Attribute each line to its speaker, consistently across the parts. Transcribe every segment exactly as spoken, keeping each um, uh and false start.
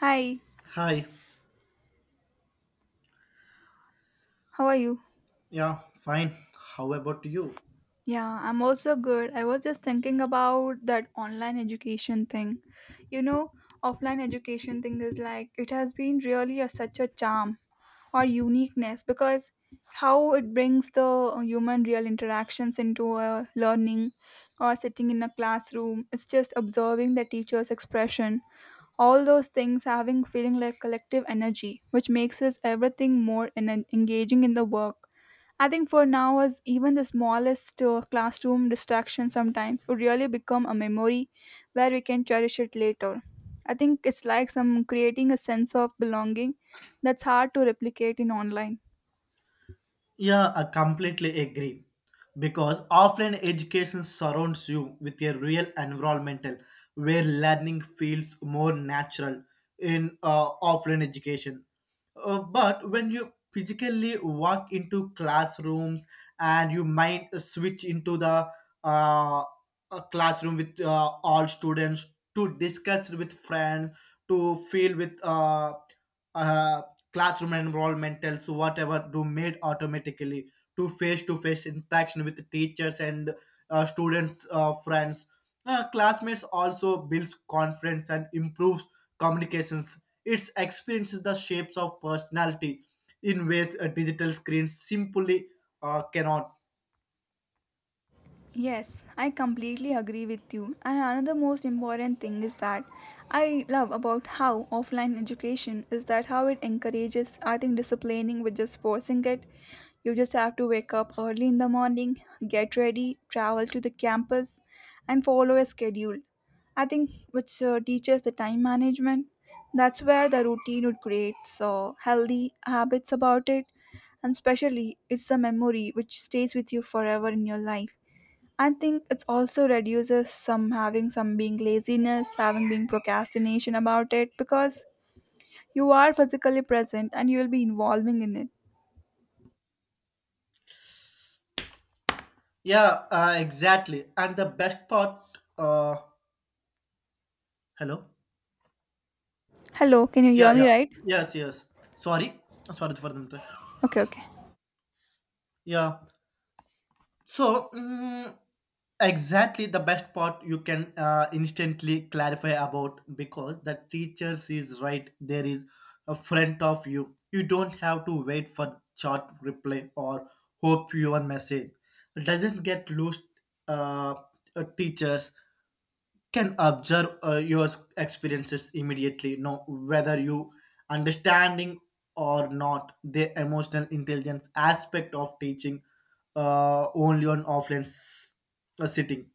Speaker 1: Hi,
Speaker 2: Hi.
Speaker 1: how are you?
Speaker 2: Yeah, fine. How about you?
Speaker 1: Yeah, I'm also good. I was just thinking about that online education thing. You know, offline education thing is like it has been really a, such a charm or uniqueness because how it brings the human real interactions into a learning or sitting in a classroom. It's just observing the teacher's expression. All those things having feeling like collective energy, which makes us everything more en- engaging in the work. I think for now, as even the smallest uh, classroom distraction sometimes would really become a memory where we can cherish it later. I think it's like some creating a sense of belonging that's hard to replicate in online.
Speaker 2: Yeah, I completely agree. Because offline education surrounds you with a real environmental where learning feels more natural in uh, offline education. Uh, but when you physically walk into classrooms and you might switch into the uh, a classroom with uh, all students to discuss with friends, to feel with uh, uh, classroom enrollmentals, whatever, to made automatically to face-to-face interaction with teachers and uh, students, uh, friends. Uh, classmates also builds confidence and improves communications. It's experiences the shapes of personality in ways a digital screen simply uh, cannot.
Speaker 1: Yes, I completely agree with you. And another most important thing is that I love about how offline education is that how it encourages, I think, disciplining with just forcing it. You just have to wake up early in the morning, get ready, travel to the campus, and follow a schedule. I think which uh, teaches the time management. That's where the routine would create so healthy habits about it, and especially it's the memory which stays with you forever in your life. I think it's also reduces some having some being laziness, having being procrastination about it because you are physically present and you will be involving in it.
Speaker 2: Yeah, uh, exactly. And the best part, uh, hello.
Speaker 1: Hello, can you hear
Speaker 2: Yeah,
Speaker 1: me
Speaker 2: yeah,
Speaker 1: right?
Speaker 2: yes, yes. Sorry, sorry for the interruption.
Speaker 1: Okay, okay.
Speaker 2: Yeah, So, mm, exactly the best part you can uh, instantly clarify about because the teachers is right there is a front of you. You don't have to wait for chat reply or hope your message it doesn't get lost. Uh, uh, teachers can observe uh, your experiences immediately no whether you understanding or not the emotional intelligence aspect of teaching uh, only on offline s- uh, sitting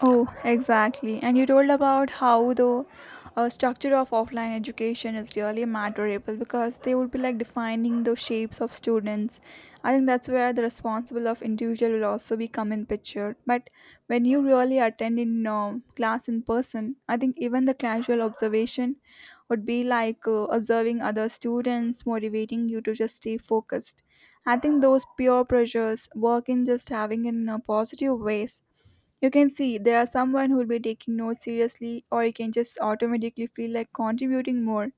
Speaker 1: Oh, exactly. And you told about how the uh, structure of offline education is really matterable because they would be like defining the shapes of students. I think that's where the responsible of individual will also be come in picture. But when you really attend in uh, class in person, I think even the casual observation would be like uh, observing other students, motivating you to just stay focused. I think those peer pressures work in just having in uh, positive ways. You can see there are someone who will be taking notes seriously, or you can just automatically feel like contributing more.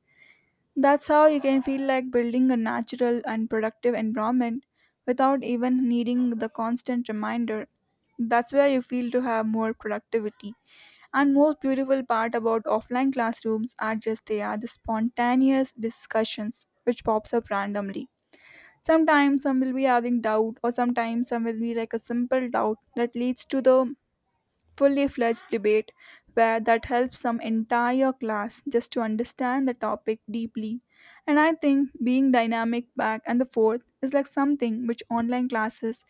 Speaker 1: That's how you can feel like building a natural and productive environment without even needing the constant reminder. That's where you feel to have more productivity. And most beautiful part about offline classrooms are just they are the spontaneous discussions which pops up randomly. Sometimes some will be having doubt or sometimes some will be like a simple doubt that leads to the fully fledged debate where that helps some entire class just to understand the topic deeply. And I think being dynamic back and the forth is like something which online classes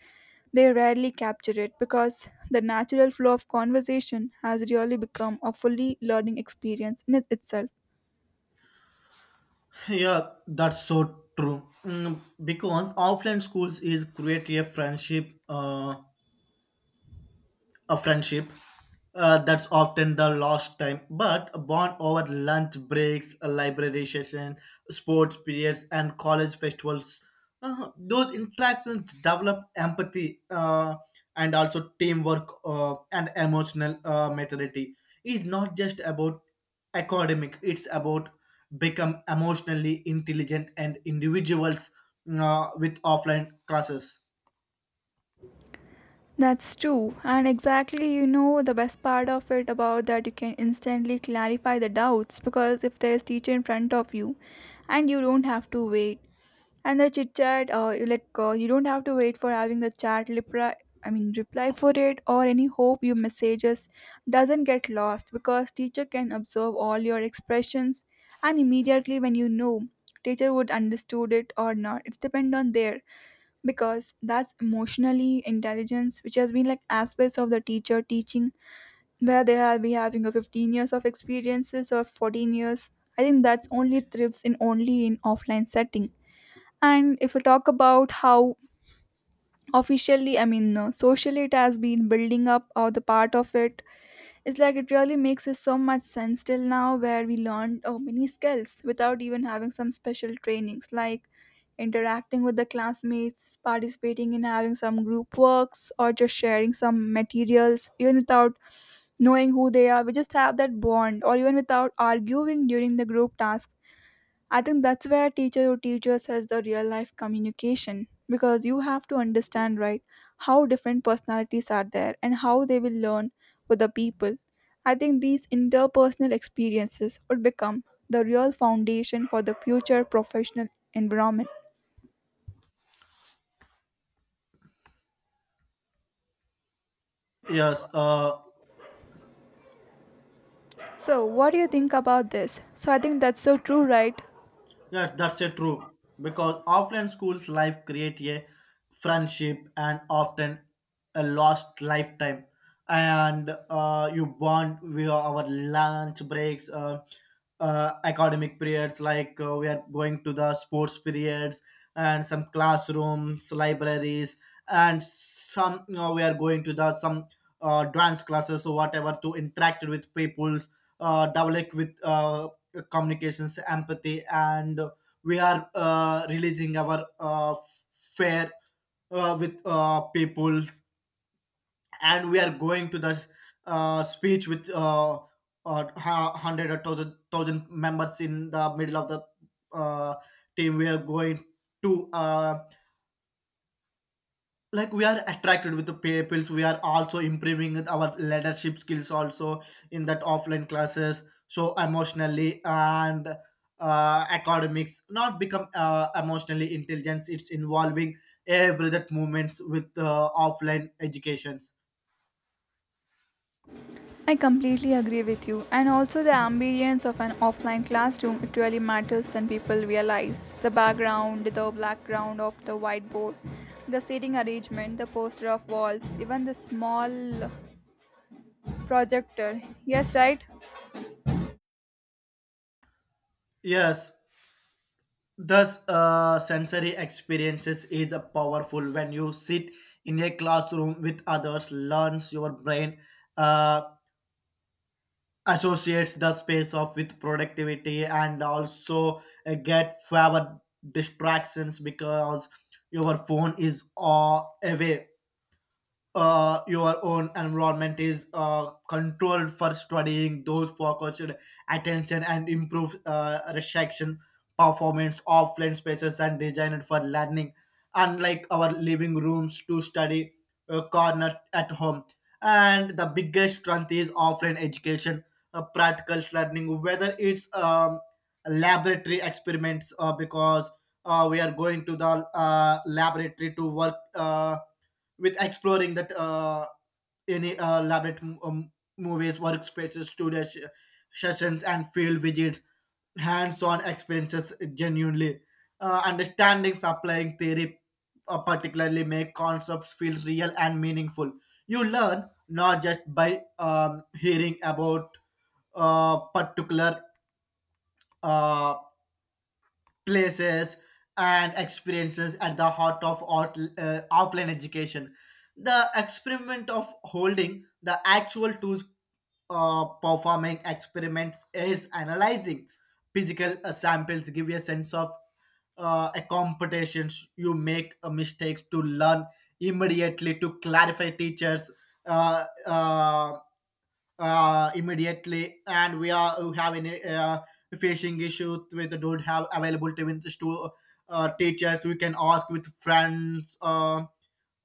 Speaker 1: they rarely capture it because the natural flow of conversation has really become a fully learning experience in it itself.
Speaker 2: yeah that's so true. Mm, because offline schools is create a friendship uh, a friendship uh, that's often the lost time but born over lunch breaks a library session sports periods and college festivals, uh, those interactions develop empathy uh, and also teamwork uh, and emotional uh, maturity. It's not just about academic, it's about become emotionally intelligent and individuals uh, with offline classes.
Speaker 1: That's true, and exactly, you know, the best part of it about that you can instantly clarify the doubts because if there is teacher in front of you and you don't have to wait, and the chit chat, uh, you like, uh, you don't have to wait for having the chat reply, i mean reply for it, or any hope your messages doesn't get lost, because teacher can observe all your expressions and immediately, when you know, teacher would understood it or not, it's depend on there, because that's emotionally intelligence which has been like aspects of the teacher teaching, where they have been having a fifteen years of experiences or fourteen years. I think that's only thrives in only in offline setting. And if we talk about how officially, I mean, uh, socially, it has been building up or the part of, it's like it really makes us so much sense till now, where we learned oh, many skills without even having some special trainings, like interacting with the classmates, participating in having some group works, or just sharing some materials, even without knowing who they are. We just have that bond, or even without arguing during the group tasks. I think that's where teacher or teachers has the real life communication, because you have to understand, right, how different personalities are there and how they will learn with the people. I think these interpersonal experiences would become the real foundation for the future professional environment.
Speaker 2: yes uh,
Speaker 1: So what do you think about this? So I think that's so true, right?
Speaker 2: Yes, that's a true. Because offline schools life create a friendship and often a lost lifetime. And uh, you bond via our lunch breaks, uh, uh, academic periods, like uh, we are going to the sports periods and some classrooms, libraries, and some you know, we are going to the some uh, dance classes or whatever to interact with people, uh, develop with uh, communications, empathy, and we are uh, releasing our uh, fair uh, with uh, people, and we are going to the uh, speech with uh, uh, hu- hundred or thousand, thousand members in the middle of the uh, team. We are going to um like we are attracted with the people, we are also improving with our leadership skills also in that offline classes, so emotionally and uh, academics not become uh, emotionally intelligence it's involving every that movements with uh, offline educations.
Speaker 1: I completely agree with you. And also, the ambience of an offline classroom, it really matters than people realize. The background, the background of the whiteboard, the seating arrangement, the poster of walls, even the small projector. Yes, right?
Speaker 2: Yes, thus uh, sensory experiences is a powerful when you sit in a classroom with others learns your brain uh, associates the space of with productivity and also uh, get fewer distractions because your phone is uh, away, uh, your own environment is uh, controlled for studying those focused attention and improve uh, reception performance offline spaces and designed for learning unlike our living rooms to study uh, corner at home. And the biggest strength is offline education, uh, practical learning whether it's um, laboratory experiments uh, because uh, we are going to the uh, laboratory to work uh, with exploring that uh, any uh, elaborate m- um, movies, workspaces, studio sh- sessions, and field visits, hands-on experiences genuinely. Uh, understanding supplying theory uh, particularly make concepts feel real and meaningful. You learn not just by um, hearing about uh, particular uh, places and experiences at the heart of out- uh, offline education. The experiment of holding the actual tools uh, performing experiments is analyzing physical uh, samples give you a sense of uh, a competitions, you make uh, mistakes to learn immediately to clarify teachers uh, uh, uh, immediately, and we are we have any uh, facing issues with don't have available teams to uh, teachers. We can ask with friends. Uh,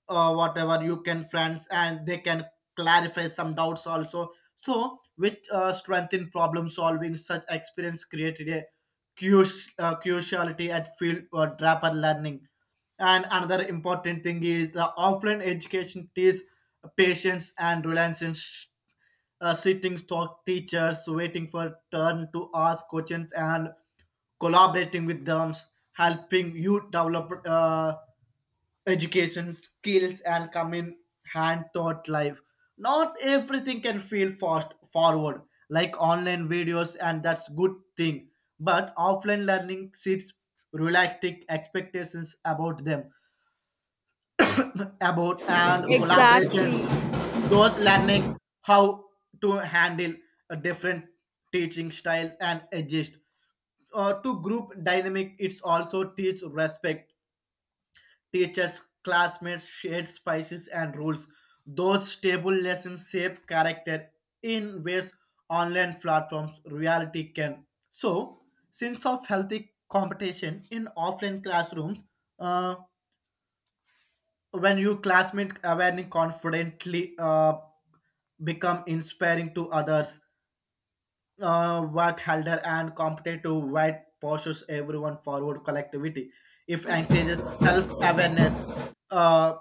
Speaker 2: uh, whatever you can friends and they can clarify some doubts also, so with uh, strength in problem solving such experience created a curious, uh, curiosity at field or draper learning. And another important thing is the offline education teaches patience and reliance in sh- uh, sitting stock teachers waiting for turn to ask questions and collaborating with them, helping you develop uh, education skills and come in hand taught life. Not everything can feel fast forward like online videos and that's good thing, but offline learning sets realistic expectations about them about and collaborations,
Speaker 1: Exactly.
Speaker 2: those learning how to handle uh, different teaching styles and adjust uh, to group dynamic. It's also teach respect teachers, classmates shared spices and rules. Those stable lessons shape character in ways online platforms reality can. So, sense of healthy competition in offline classrooms, uh, when you classmate awareness confidently uh, become inspiring to others. Uh, work harder and competitive white pushes everyone forward collectivity. If encourages self awareness, uh,